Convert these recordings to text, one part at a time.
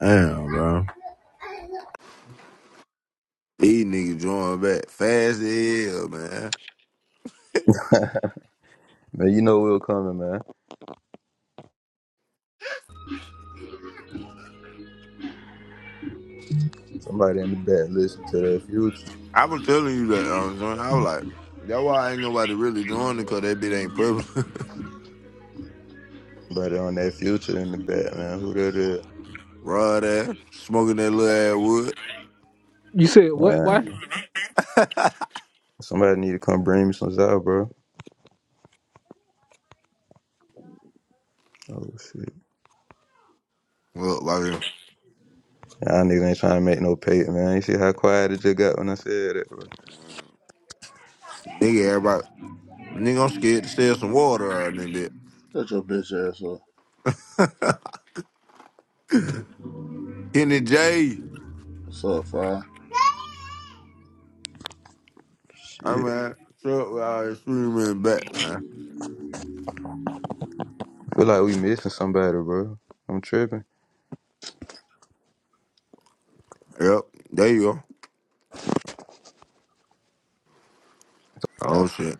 Damn, bro. These niggas drawing back fast as hell, man. Man, you know we were coming, man. Somebody in the back listen to that future. I was telling you that, um, John, I was like, that's why ain't nobody really joining because that bitch ain't public. Somebody on that future in the back, man. Who that is? Raw ass, smoking that little ass wood. You said what? Why? Man, somebody need to come bring me some Zao, bro. Oh, shit. Look, like, Y'all niggas ain't trying to make no paper, man. You see how quiet it just got when I said that, bro? nigga, everybody, nigga, I'm scared to sell some water out of that bitch. Shut your bitch ass up. Kenny J, What's up, Fire? I Shit. mean, truck ride screaming back, man. Feel like we missing somebody, bro. I'm tripping. Yep, there you go. Oh, shit.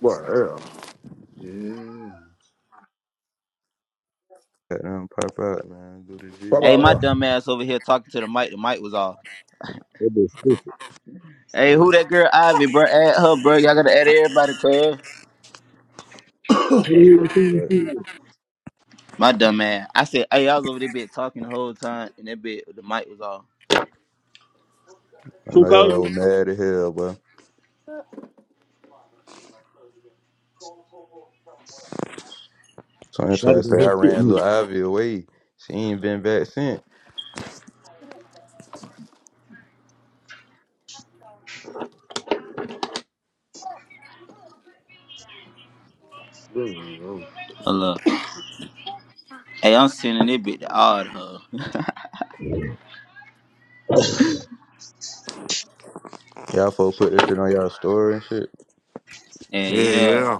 What, hell? Yeah. Got them pop out, man. Do this What video. Hey, my about dumb ass over here talking to the mic. The mic was off. That bitch stupid. Hey, who Yeah. Oh, that girl Ivy, bro? Add her, bro. Y'all gotta add everybody, cuz. What the hell you yeah, you saying to right. me? My dumb ass. I said, hey, I was over there bit talking the whole time, and that bit, the mic was off. I Who know called y'all you? was mad as hell, bro. So I'm Shut trying to it, say I his shit ran little mate. Ivy away. She ain't been back since. what? Hold up. Hey, I'm sending that bit to all the her. Y'all folk put this shit on y'all story and shit. And Yeah, yeah, yeah.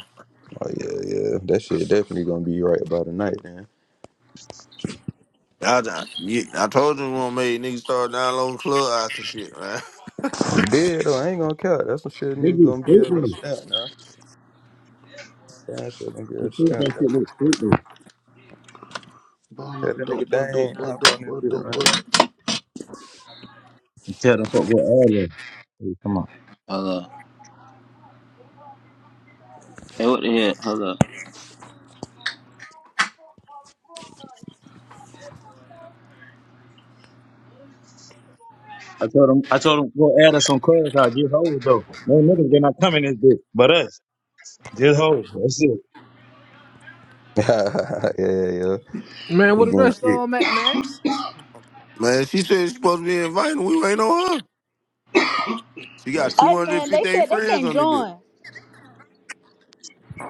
Oh yeah, yeah. That shit definitely gonna be right about the night, man. I, I, yeah, I told you we gonna make niggas start downloading club and shit, man. It did though. I ain't gonna count. That's some shit That nigga bitch gonna be straight able to though. stamp now. Damn shit gonna be The able to club that stamp that. shit look straight motherfucker. though. Bone like Tell a that dope nigga boy, dope dang boy, hop dope on that boy, shit, dope man. boy. You tell them fuck what ad though. Hey, come on. hold up. Hey, what the hell? Hold up. I told him I told him go add us some cars out, get hold though. No niggas been not coming this bitch. But us. Just hold. That's it. yeah, yeah, yeah. Man, They what the getting rest of kicked. them at, man? Man, she said she supposed to be invited. We ain't on her. She got Hey man, they 258 said they friends can't on this bitch. join.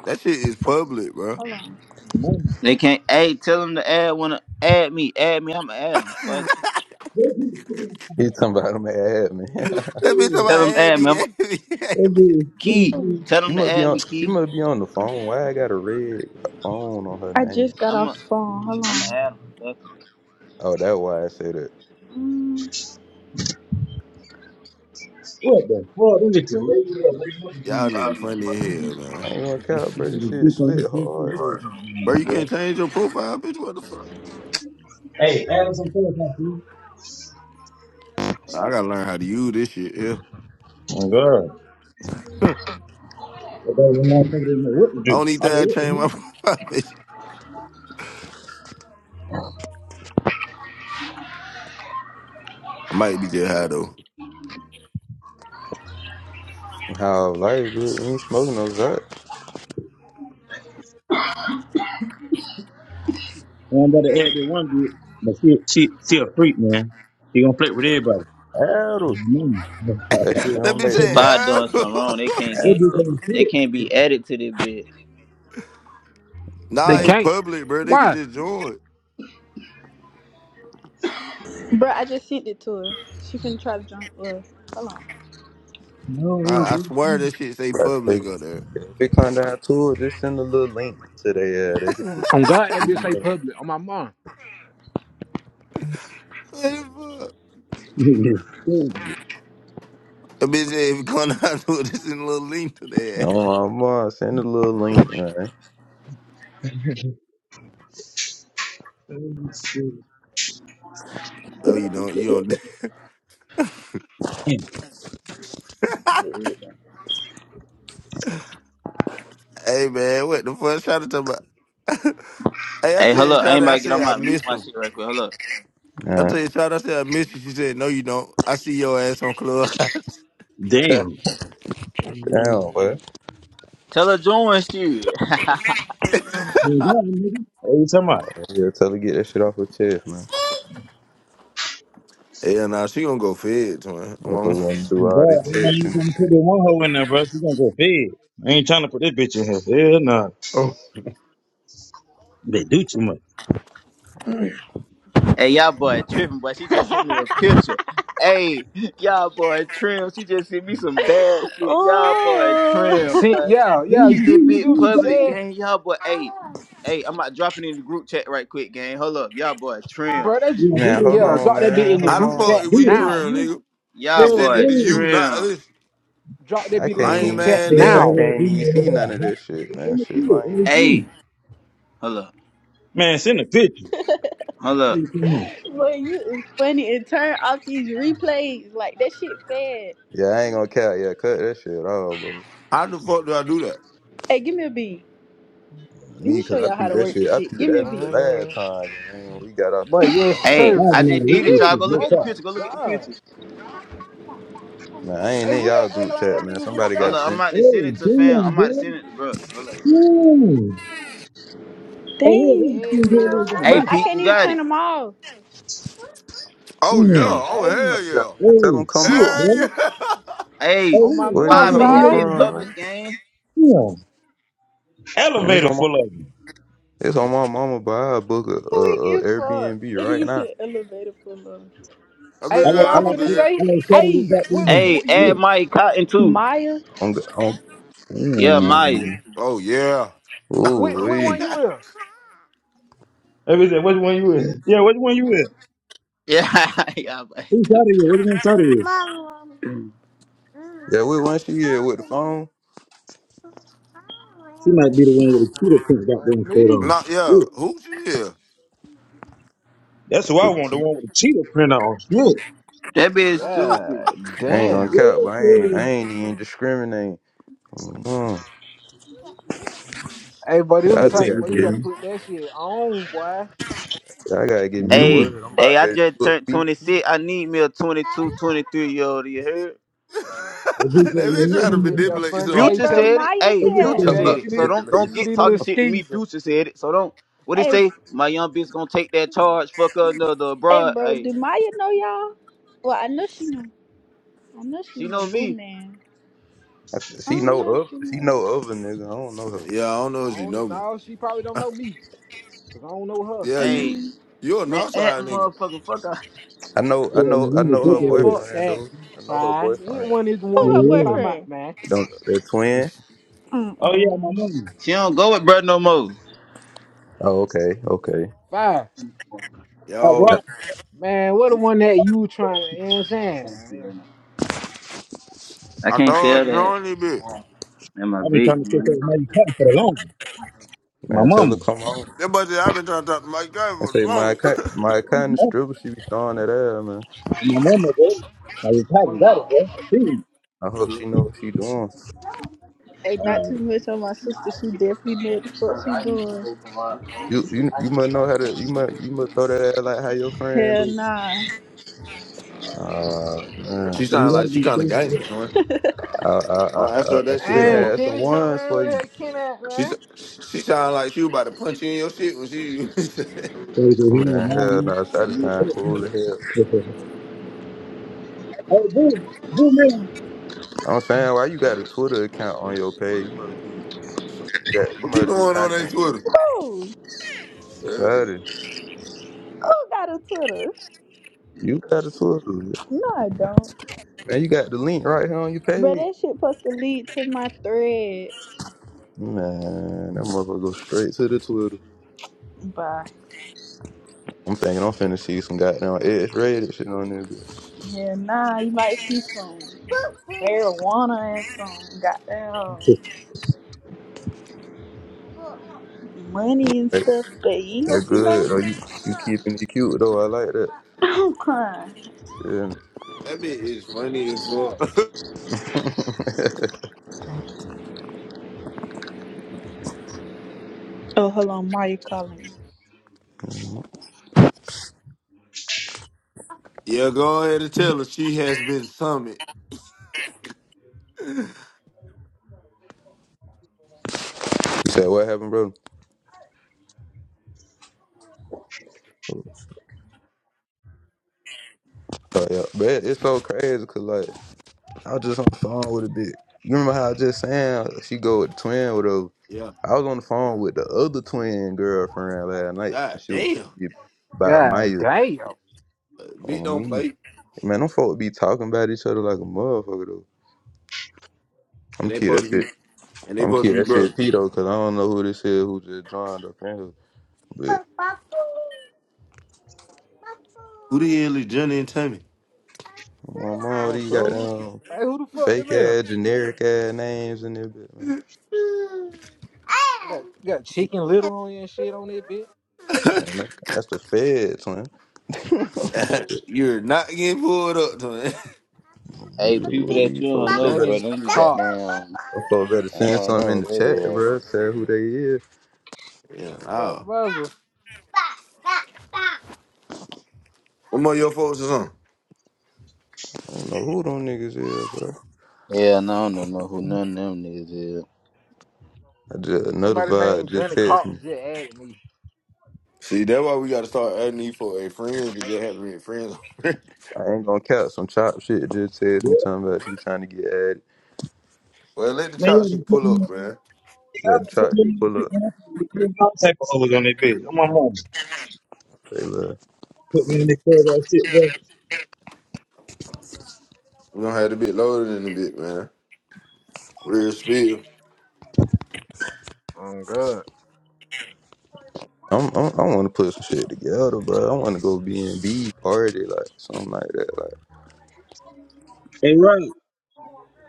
That shit is public, bro. Hold on. Man. They can't. Hey, tell them to add one. Add me. Add me. I'ma add that them. Fuck. it. That bitch He talking about him at man. bitch talking stupid. about Tell them add add me. me, I'm a, add me, add me. Key. Tell she them to must be add on me, she Key. must be on the phone. Why I got a red phone on her I name? just got off I'ma the phone. Hold I'ma on. add them. Oh, that why I said that. Mm. What the fuck? Them bitches lazy up, lazy Y'all up. Fuck. niggas it. funny as hell, man. I ain't gonna count, You bro. got This a shit dick on slid his pussy. hard What you though. bro, doing, you can't bro? change your profile, bitch. What the fuck? Hey, add us some cars out, please. Nah, I gotta learn how to use this shit, yeah. Oh, God. But those motherfuckers didn't know what to do. Only I thing don't know I what to changed my do. profile, bitch. I might be just high, though. How life, bitch. You ain't smoking no Zot. And I'm about to add that one bit. But she, she, she a freak, man. She gonna play with everybody. Mm. That shit that gonna bitch make said, them up. I doing something wrong. "Ah." They can't what get. do you think? They Shit. can't be added to this bit. Nah, They Right? it's can't. public, bro. They can Why? just join. Bruh, I just sent it to her. She finna try to join. Well, hold I, No, I this swear that shit say But if, they, public on there. if it come down to it, just send a little link to their. Uh, they could On God, that bitch say just. public. On my mom. What the fuck? is stupid. That bitch said if you come down to it, this in a little link to that. Oh, I'm uh, send a little link, man. This is No, you don't. You don't. Damn. Hey, man, what the fuck? Shout out to my. hey, I Hey, tell hold you, up! shout out. I Anybody get said on I my mute miss my him. shit right quick. Hold up! All I right. tell you, shout out. I said I miss you. She said, no, you don't. I see your ass on club. Damn. Uh, Damn, boy. Tell her join shit. who's that, nigga? Hey, you talking about? Yeah, tell her to get that shit off her chest, man. Hell nah, she gonna go fed, man. I'm- on- Motherfucker wanna do all God, this that's why text you and trying to put shit. that one hoe in there, bro. She gonna go fed. I ain't trying to put this bitch in here. Hell nah. Oh, They do too much. hey, y'all boy tripping, boy. She just sent me a picture. Hey, y'all boy trim. She just sent me some bad shit. Y'all boy on. trim, Ooh. See, boy. yeah, Let yeah. me Get You see, this you nigga. What see bit what you you talking public, about? said, gang. Y'all boy. Hey, hey, I'm about dropping in the group chat right quick, gang. Hold up, y'all boy trim. bro? That j- Yeah, do Man, that, hold yeah. on, bro. Drop that bit man. in the How Hold the group fuck on. is chat we Do that, now. trail, nigga? She Y'all sent it boy to man. Yes, you, not trim. us. Drop that I bit in the can't Lame group even chat man, They see. over I nigga. now. there can't even agreement see over none of there. this shit, Huh? man. Send the Shit, kid, lying in the hell. AZ. Hey, hold up, Man, send the pictures. hold up. Hey, come here. Boy, you is funny and turn off these replays. Like that shit fed. Yeah, I ain't gonna count. Yeah, cut that shit off, bro. How the fuck do I do that? Hey, give me a beat. Let me Me, cause show I y'all how peed to that work shit. this I shit. peed Give me a that bit beat. Uh, last time, man. We got off but this bit. yes, I'm Hey, I like, sir. have a I man, lot just of did it, witness to y'all. Gee, it, Go look no at oh the cap. my picture. Go look at the God. picture. man, I ain't Hey, in who y'all that ugly group ass chat, man. niggas in the Somebody Hold gotta back? up, I'm send about it. to Oh, send it to fam. I'm damn, about to boy. send it to bro. Hold up. Damn. Oh, who a Hell light Dang. skinned girl yeah, is in the Bro, Hey, boy. back? I Pete, can't you even got turn it. them off. Oh yeah. Damn. Oh Hey, yeah, Oh man. Tell Oh, them hell yeah. come shit, on. Hell boy. yeah. Hey, Hey, who on a my Where light do mom, you Pa, skinned make hold that girl is five. in bit the back? from, man? public, gang. Damn. Man, it's Elevator on my, full of them. it's on my mama. But I book a, Weak a, a as fuck. Airbnb That right nigga now. said elevator for love. I I Hey, mean, like, what yeah, I I I'm a like, I finna like, good. I say? like started with Hey, that what, damn. Hey, what you? Yeah. add Mike Cotton too. Maya. On, the- on, Yeah, Maya. ooh, Oh yeah. Which, ooh, which wee. one yeah. you in? Every day, which one you in? Yeah, which one you in? Yeah, yeah, but Who shot at stupid. you? Which one shot at you? Yeah, we once she here with the phone. She might be the one with the cheetah print goddamn On straight me? Not on. yeah. Who she is? That's who I With the want, the cheetah. one with the cheetah print on. Shit. That bitch stupid. Yeah, I ain't gonna damn. count, Yes, but I ain't, I sir. ain't even discriminating. Mm, Hey, buddy, Yeah, them I I'll tell just type, gotta you, boy, you get me. gotta man. put that shit on, boy. I gotta get I me the Hey, word. mean, I'm hey, about I ready to just book turned me. You 26. I need me a 22, 23 year old. You heard? That's just what they you be heard trying to That bit me. that manipulate you. funny. know. Hey Hey, Future bro, tell, said it. Maya Hey, That's just tell her, Future said. Talking what gang, said you- about what you it. So need? don't manipulate. don't You get need a little talking something. shit to me. skeezer. Future said it. So don't. What they Hey. say? My young bitch gonna take that charge. Fuck her another Hey, broad. bro, Hey, do Maya know y'all? Well, I know she know. I know she she know know Boo me. Man. I she don't know know if of. she She know. know of a nigga. I don't know her. Yeah, I don't know I if you know don't me. know. She probably don't know me, cause I don't know her. Yeah, Hey, you Um, you a man, at the Northside nigga. motherfucker. Fuck her. I know. I yeah, I'm know. I really know sick her Man, of it. fuck boyfriend that. though. I know her Five. Which boyfriend. one is the who Yeah, one her you yeah. talking about, boyfriend? man? Don't the twin? Oh, yeah, my Mm-mm. mama. She don't go with bruh no more. Oh, okay. Okay. Five. I Yeah. Yo, rock. Man, what the one that you trying to, you know what I'm saying? I I can't told sell her that. join this bitch. And my I've been vape, trying to catch up man. with my cotton for the longest. My Man, tell her mama. come home That buddy, I've been trying to talk to my guy and for the say my cut. longest. My My kind of mama. stripper. She be throwing that ass, man. My mama, bro. Now you cotton got it, bro. I see you. I hope she know what she doing. Hey, not Uh, too much on my sister. She definitely know what the fuck she doing. You you you must know how to. You must you must throw that ass like how your friend Hell do. nah. Ah man. she sound you gotta like she be kind of still, yeah. gangster, son. I I I I, don't ask her I, I that shit Yeah. split no Hey, more. had some Kenny, tell ones man, for where the you. hell Kenny at, She s- man? she sound like she was about to punch you in your shit when she. So you say, here, nah, Man, man. hell You no, that need sound help, cool as hell. man. Hey, boo. Boo, man. I'm saying, why you got a Twitter account on your page? You must do some- that. You What you must do doing on that content. Twitter? Who? Who Sorry, got a Twitter? you got a Twitter, No, I don't. man. You got the link right here on your Bro, page. that shit supposed to lead to my thread. Man, that motherfucker go straight to the Twitter. Bye. I'm thinking I'm finna see some goddamn edge rated shit on there. bitch. Hell nah, you might see some marijuana and some goddamn money and Like, stuff, but you ain't gonna That see no. good. Oh, you you keeping it cute though. I like that. I'm crying. Shit. That bitch is funny as fuck. Oh, hold on, Maya calling me. yeah, go ahead and tell her she has been summoned. you said what happened, bro? Oh yeah, but it- it's so crazy because like. I was just on the phone with a bitch. You remember how I just saying she go with the twin with a yeah. I was on the phone with the other twin girlfriend last night and God she was telling damn. me about God Maya damn. Uh, Bitch on don't me. play. Man, them folk be talking about each other like a motherfucker though. And I'm they kid supposed that to shit. be and they I'm supposed to kid be that shit brother. P though, cause I don't know who this is who just joined up in here. But Who the hell is Johnny and Tammy? my mom, all Oh, these so who goddamn the, hey, who the fuck them fake is? ass, generic ass names in there, bit, man. got, got Chicken Little on your shit on that bit. Man, that- that's the feds, man. You're not getting pulled up to it. Hey, Me, people who are that these you don't folks? They know, better. bro, Johnny them be Cox. goddamn. Them folks better I send don't something in know the who that chat, is. bro. Tell who they is. yeah, My no. brother. What more your folks is on? I don't know who them niggas is, bro. Yeah, and I don't know who none of them niggas is. I just another Somebody vibe named just Johnny text Cox me. just added me. See, that's why we gotta start adding these for a friends because they have been friends already. I ain't gonna count some chop shit. Just text Yeah. me talking about you trying to get at it. well, let the Man, you chop shit haven't put pull me on up, man. Y'all done Let the put chop me on shit this pull shit, up. man. You put all type of hoes on that bitch. I'm my mom. Say look, Put me in the club, that shit, bro. We don't have the bit loaded in a bit, man. Real spill. Oh God. I'm, I'm I want to put some shit together, bro. I want to go B and B party like something like that. Like Hey, right.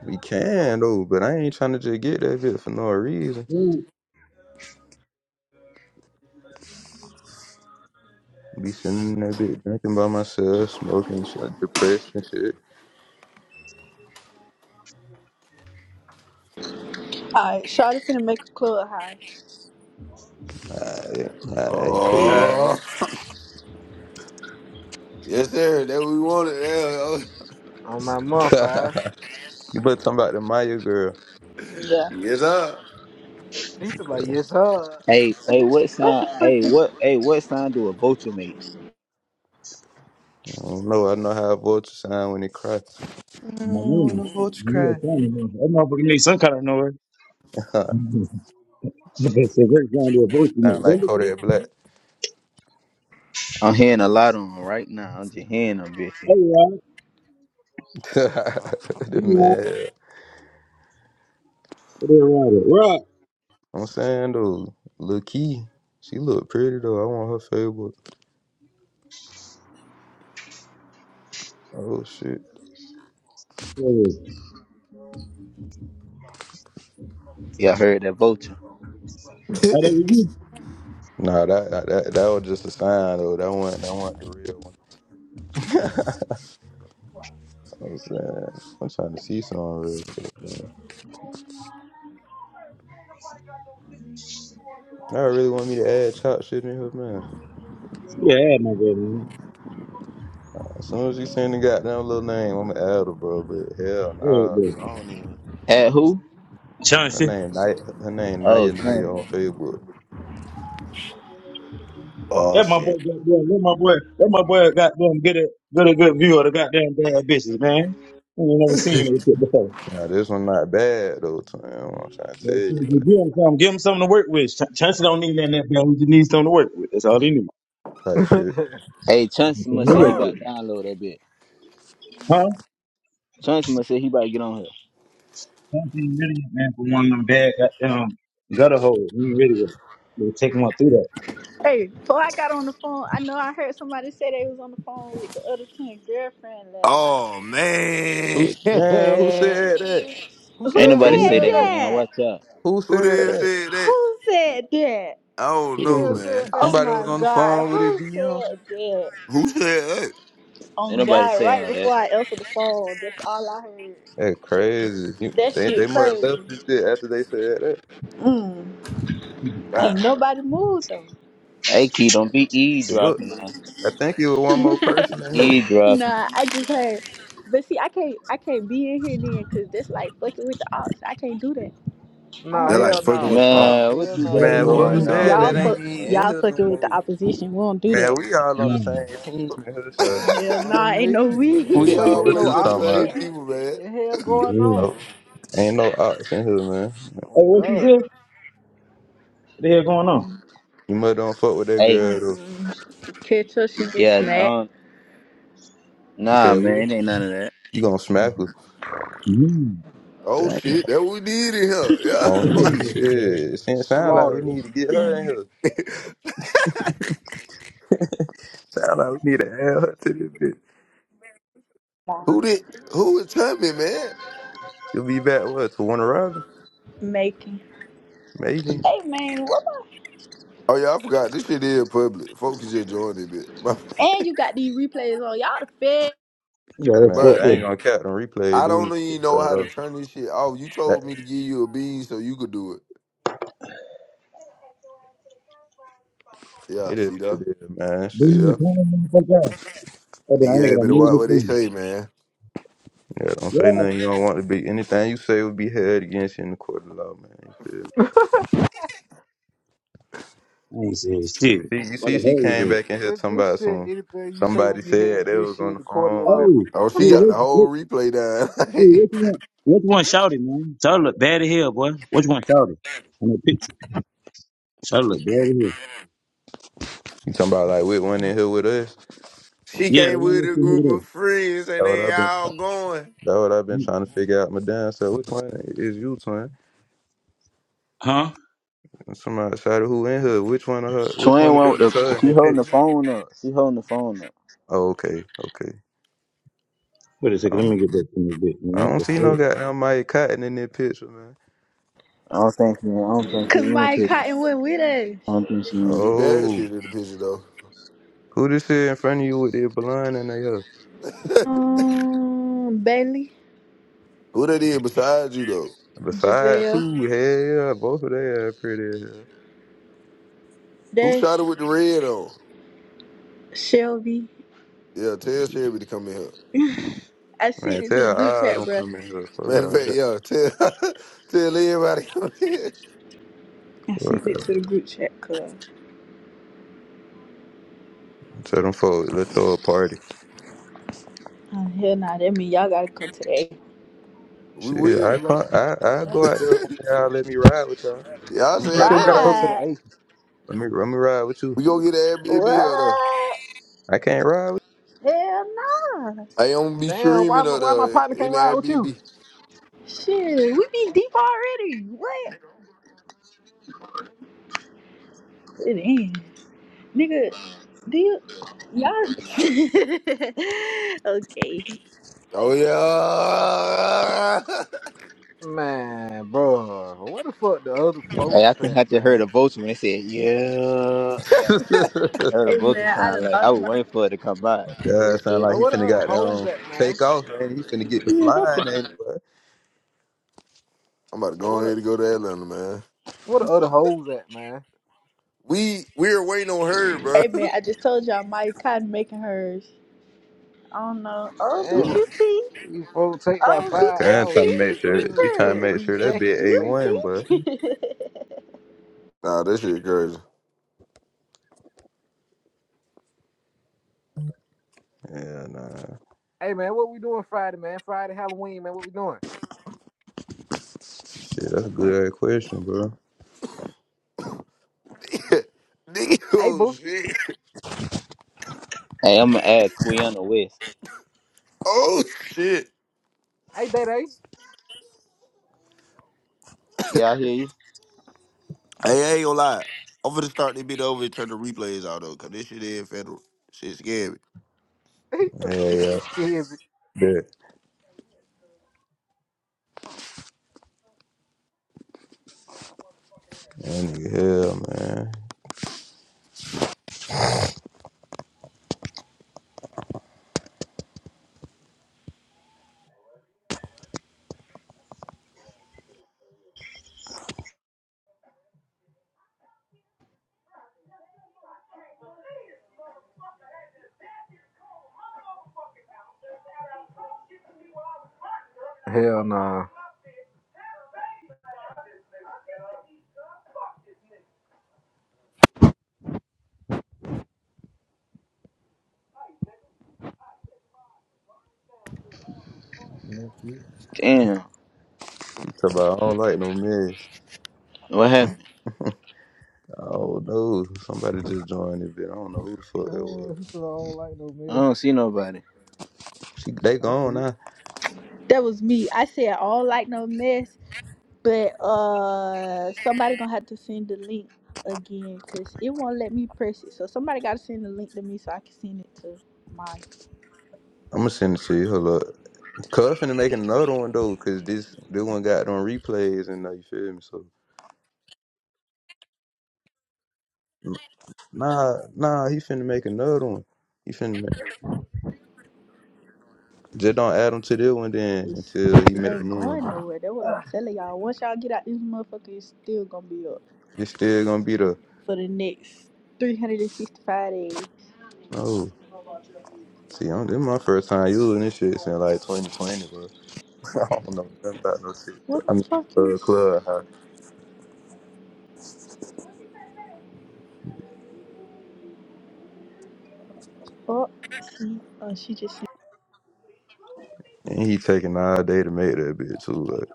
we can though, but I ain't trying to just get that bit for no reason. right. Be sitting in that bit drinking by myself, smoking shit, depressed and shit. Alright, Shawty finna make a club high. Alright, alright, cool. Alright. Oh, yes, sir. That we wanted. Yeah, On my motherfucker. You better talking about the Maya girl. oh, Yeah. Yes, sir. He took like, 'cause yes sir. Hey, hey, what What sign? the Hey, frick what? Hey, what sign do a vulture make? I don't know. I know how a vulture sound when it cries. My Mm, when mom. a You know, family, man. That motherfucker need some kind of noise. vulture Okay, so we're trying to do a voice mix. sound Don't like look at it. Kodak Black. I'm hearing a lot on 'em right now. I'm just hearing them, bitch. Hey, Rod. the Hey, Rod. man. Hey, Rod. Rod. I'm saying though, Lil Key, she look pretty though. I want her Facebook. Oh shit. Hey, Y'all heard that vulture. Hey, that was you. Nah, that that that, that was just a sign though. That one, that one, the real one. I was saying, I'm trying to see some real shit. Man. I really want me to add chop shit in her man. Yeah, I had my boy, man. As soon as you sing the goddamn little name, I'ma add her, bro. But hell, Yeah, nah, bro. boy. I don't even. At who? Her Chauncey. name Naya, her name Oh, Naya Naya Chance. on Facebook. Oh That my boy shit. got them. That my boy. That my boy got them. Get a, get a good view of the goddamn bad bitches, man. I ain't never seen that shit before. Now this one not bad though, Tim. I'm trying to tell Well, see, you you Give him something. Give him something to work with. Ch- Chauncey don't need nothing that bad. We just needs something to work with. That's all he needs. like type who shit. Hey, Chance Something must to say he work about with. to download that bitch. Huh? Chance must say he about to get on here. Chauncey ain't ready yet, man, for one of them bad um, gutter holes. He ain't ready with it. we take him up through that. Hey, before I got on the phone, I know I heard somebody say they was on the phone with the other twin girlfriend last night. Oh Who man, s- damn who said that? Ain't Who said Well, who nobody said say maybe said he that, that? man. that? Watch out. Who who said did that? said that? Who said that? I don't Who the know, hell still is. said man. Oh that? Somebody was my on the god, phone with his who DM. said that? Who said that? Ain't On nobody God, say right all before that. I answered the phone, that's all I heard. That crazy. You- That They shit they must have crazy. left this bit after they said that. Mm. God, Ain't nobody moved Hey, Key, don't be 'Cause Look, eavesdropping now. I think it was one more though. Don't person be in here. eavesdropping. Nah, I just heard. But see, I can't, I can't be in here then, cause that's like fucking with the odds. I can't do that. I Nah, don't they're fuck. like hell fucking with. no, Oh, no, Man, what hell you Hell no, Yeah, got you Man, no, ain't whoever going can. no said Y'all hospital that on, in here. fuck. ain't even man? in Y'all here no fucking with the more. opposition. We don't do that. Man, we all on the Nah, same team in here, so Hell nah, On ain't me. no I You ain't we don't we. know fucking all with what play no you for the talking about. same opposition. people, man. What the hell he's going No, on? ain't no ops in here, man. Hey, On what she God. said? What the hell going on? You mother don't fuck with that Hey, girl though. Mm-mm. Catch her, she get yeah, smacked. um, You nah, said "Who? man, it ain't none of that. you gonna smack her. Mm. Oh Dang, shit, that what we did in here. Yeah, on me, shit. Sound sound like we Slaughter. need to get her in here. like Sound like we need to add her to this bitch. who did? Who was Tommy, man? You'll be back what to one Robin, Making. Megan. Hey man, what? My... Oh yeah, I forgot. This shit is public. Folks can just join it, bit. And you got these replays on. Y'all the fed. yeah, that's Man, yeah, fucked I up. ain't gonna cap them replay, I dude. don't even know how Though. to turn this shit off. You That told me to give you a bean so you could do it. Yeah, it is see what that? it is, man. See Bring me Shit. a that? tiny motherfucker out. Oh, I Nigga ain't had gonna better move watch this what they thing. say, man. Yeah, don't say Yeah. nothing you don't want to be. Anything you say will be held against you in the court of law, man. You feel I ain't saying shit. me? See, you What see, the she hell is it? came back in here This, talking this about shit, some. anything you say will Somebody be head said they against was on shit, the the court of phone with law. Hey, Oh, whoop hey, she got what, the whole look, replay down. hey, what you want? What you want shouted, man? Shout look bad as hell, boy. What you want shouted? On that picture. Shout look bad as hell. You talking about like which one in here with us? she Yeah, the came one with that's a sitting group over of there. friends and That what they I've been. all going. That what I've been Mm. trying to figure out, my damn self. Which one is you, twin? Huh? And Somebody outside of who in here? Which one of her? Which Twin one of went with them the, is her in she the holding the picture? phone up. She holding the phone up. Oh, okay, okay. Wait a second, I let don't, me get back to this bitch, I man. What don't the see no fuck? goddamn Mike Cotton in that picture, man. I don't think, man, I don't think she Cause in the Mike picture. Cotton went with us. I comprehensive. see bad Oh, shit in the picture though. who this is in front of you with their blonde and they hair? Um, Bailey, Who that is besides you though? Beside Giselle, two, hell, yeah, both of they are pretty as hell. Who Dash, shot her with the red on? Shelby. Yeah, tell Sherry to come in here. I sent Man, it to the tell group I chat, don't bro. come in here. Fuck Matter of all fact, that. yeah, tell tell everybody to come in. I Fuck all sent it that. to the group chat, cuz. Tell them folks, let's throw a party. Oh, hell nah, that mean y'all gotta come today. We Shit, will. I You gotta, you can't. gotta I go I where? go out there one day. Y'all let me ride with y'all. Let Y'all me You ride. said said we that gotta go to like the Right. eighth. Let me let me ride with you. we gonna get an Airbnb or there. What? I can't ride Hell nah. I don't be Damn, why streaming my up why my there partner in can't the ride with you? Airbnb. Shit, we be deep already. What? It ain't. Nigga, do you, y'all. okay. Oh Like, yeah. Man, bro, where the fuck the other Hey, I folks think at, I just heard man? a vulture when they said, yeah, yeah. with you. I heard a hey vulture man, I sound done like I lost was my. waiting for it to come by. It God, was sound good. like Bro, he where the finna other got hoes them at, man? take off and he finna get the flying anyway. I'm about to Bro, go what the ahead and go to Atlanta, man. what the other hoes at, man? We we were waiting on her, bro. Hey man, I just told y'all Mike Cotton making hers. I don't know. Oh, We My were- Damn, BQT. these folks take about Oh, my did five you kind hours. trying to see? This make shit sure literally she trying to took Girl, make three sure that seconds bit to a You make. see? one, but nah, that shit crazy. yeah, nah, Hey man, what we doing Friday, man? Friday Halloween, man. What we doing? shit, that's a good ass question, bro. Nigga, Hey oh Booski. shit. Hey, I'm going to add Quiana West. Oh shit. Hey Day Day. Yeah, I hear you. Hey, I ain't gonna lie. I'm finna start this bit over and turn the replays out though, cause this shit is federal. Shit scary. He talking about Yeah, this yeah, shit scary. bet. Any hell, man. Hell nah. Yeah, shit. Damn, You talk about I don't like no mess. what happened? Oh no, somebody just joined it, but I don't know who the fuck Uh, that he was. said I don't like no I man. don't see nobody. She, they I gone said, now. that was me. I said I don't like no mess, but uh, somebody gonna have to send the link again because it won't let me press it. So somebody gotta send the link to me so I can send it to my. I'm gonna send it to you. Hold up. Cuff and make another one though, cause this this one got on replays and uh, you feel me. So nah, nah, he finna make another one. He finna make, just don't add him to this one then It's, until he it make the ain't new one. going Then nowhere. That's what I'm telling y'all. Once y'all get out this motherfucker, it's still gonna be up it's still gonna be the for the next 365 days. oh See, I'm, this my first time using this shit since like 2020, bro. I don't know nothing about no shit. What I mean, the fuck uh, is? clubhouse. Oh, see, oh, she just And he taking all day to make that bitch too. Like,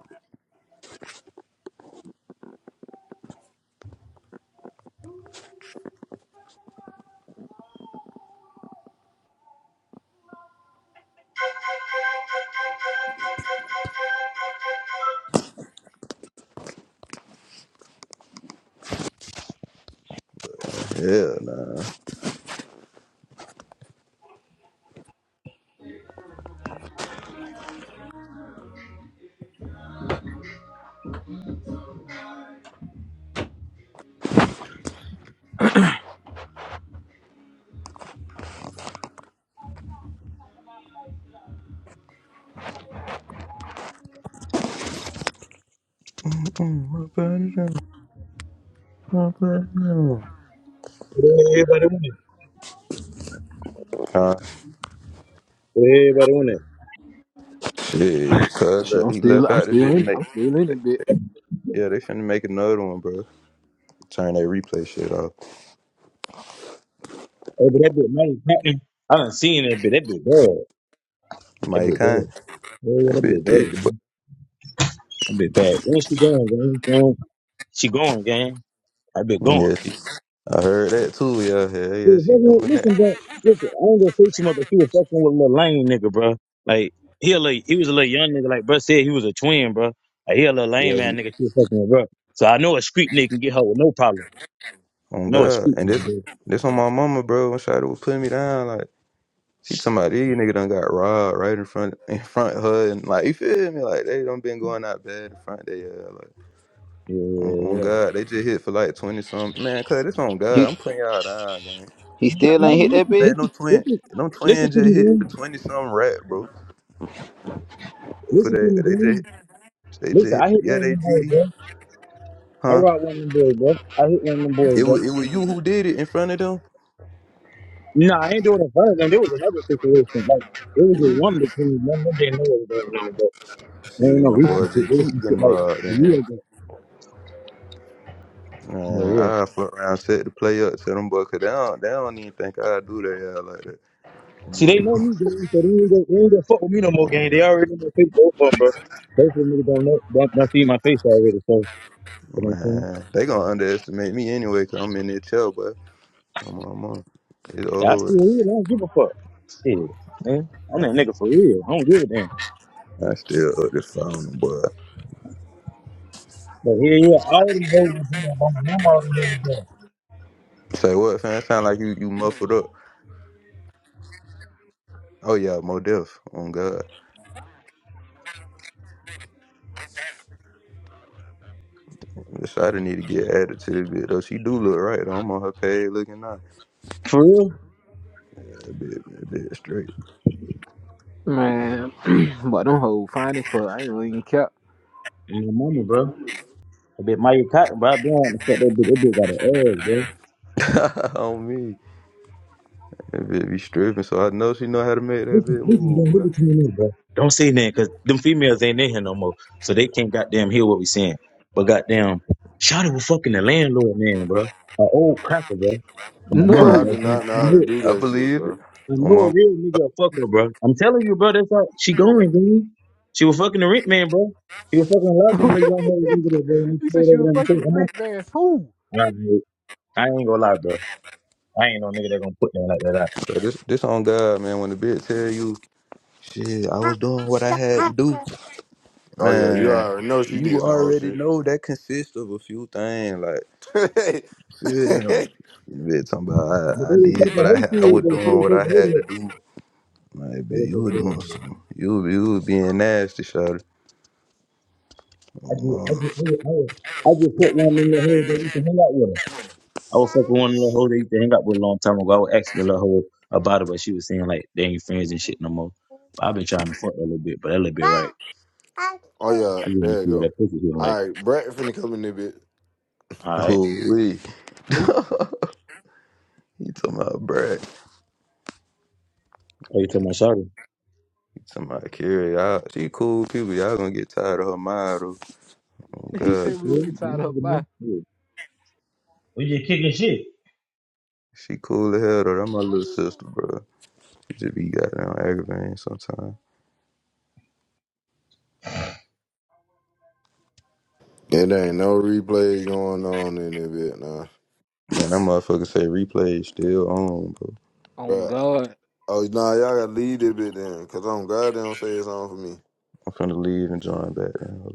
yeah, nah. Mm-mm, my body down, my body Where Everybody want it. down. Where Everybody want it. Yeah, cuz Shit, uh, I'm he still, left I'm out the still bit to in, make. I'm still in it, bit. Yeah, they finna make another one, bro. Turn that replay shit off. Hey, but that bitch, man, Patton, I done seen that bitch. That bitch bad. That Mike bitch Khan, bad. Yeah, yeah, that that bit bitch bad, thick. man. That bitch bad. Where she going, gang? Gang. She going, gang. That bitch But going. yeah, she, I heard that too. Yeah, yeah, She yeah, was she fucking with, doing that. listen, bro. Listen, I ain't gonna fix him up, but she was fucking with a little lame nigga, bro. Like he a little, he was a little young nigga. Like bro said, he was a twin, bro. Like, he a little lame Yeah, man he, nigga. She was fucking with, bro. So I know a street nigga can get her with no problem. I on know a God, street and this, nigga, bro. this on my mama, bro. When Shada was putting me down, like she talking about these nigga done got robbed right in front, in front of her, and like you feel me, like they done been going out bad in front. They uh, like Yeah, on, yeah, on yeah. God, they just hit for like twenty something. Man, cuz this on God, He I'm putting y'all down, gang. he No, still no, ain't hit that listen, bit? Man, no listen, twin, listen. no twin Listen to just me, hit for dude. twenty some rap, bro. Both of Listen to me, that, they dude. just, they Listen, just, I hit yeah, one of they them boys, GD, bro. I huh? rock one of them boys. I hit one of them boys, It was, bro. it was you who did it in front of them. Nah, I ain't doing it for them. There was another situation. Like, it was a See, one between them. Them didn't know what was going on, bro. There see, ain't no them relationship. boys just keep Relationship getting like robbed, a year and ago. Yeah, man, yeah. I fuck around, set the play up to them boys, cause they don't, they don't even think I do that yeah, like that. See, they Um, know me, gang, so they ain't gonna, they ain't gonna fuck with me no more, gang. They already know my face, both of them, bro. Both of them niggas don't know, don't, don't see my face already, so, you know what I'm saying? Man, they gonna underestimate me anyway, cause I'm in their tail, but come on, man. It's Yeah, I over. still real, I don't give a fuck. Shit, man. I'm that nigga for real. I don't give a damn. I still up the phone, boy. But yeah, yeah, all them hoes was there. My mama all them hoes was there. Say what, fam? Sound like you, you muffled up. Oh yeah, Mo Def on God. Yes, I didn't need to get added to the bit though. She do look right. I'm on her page looking nice. For real? That bit, that bit straight Man, but them hoe finding for I ain't even cap. And my mama, bro. That bit Maya Cotton, bro. I don't want to fuck that bitch. That bitch got an ass, bro. on me. That bit be stripping, so I know she know how to make This that bit this is move. gonna give Man. it to me, now, bro. Don't say nothing, cause them females ain't in here no more, so they can't goddamn hear what we saying. But goddamn, Shawty was fucking the landlord man, bro. An old cracker, bro. For my mama, Bro, I bro. no. do not I know how to know, do I that shit, believe it. bro. I On know a my real nigga a fucker, bro. I'm telling you, bro. That's how she going, dude. She was fucking the rent man, bro. He was fucking loving them ladies on her over there, bro. And he he said stayed she over was there in the fucking church. the I'm on. rich man. Who? Alright, I ain't gonna lie, bro. I ain't no nigga that gonna put that like that out. so this, this on God, man. When the bit tell you, shit, I was doing what I had to do, Oh yeah, you man. already know she did You some whole already know that consists of a few things, like. shit. Shit, man. That bit talking about But I, I they were did taking what I her had. I serious, was though. She doing what I had didn't to do. Like, take bitch, you were the doing hood. something. You were, you were being nasty, shawty. I Oh, just, mom. I just, I just, I just, I just put one in the hood that used to hang out with her. I was fucking one little hoe that used to hang out with a long time ago. I was asking the little hoe about it, but she was saying like they ain't friends and shit no more. But I've been trying to fuck a little bit, but that little bit right. Oh yeah, I just want to there you see what go. that pussy doing. like. All right, Brett finna come in a bit, All right, Oh, we. Who? He talking about Brad. how you tell my sorry? He talking about Carrie. Y'all, she cool people. Y'all gonna get tired of her mind, though. Oh, He God. She said we would cool. get You know tied what I up by. mean? Yeah. We just kicking shit. She cool as hell, though. That my little sister, bro. She just be goddamn aggravating sometimes. It ain't no replay going on in it bit nah. Man, that motherfucker say replay is still on, bro. On bro. God. Oh nah, y'all gotta leave this bit then, cause I'm glad they don't say it's on for me. I'm finna leave and join back. Now.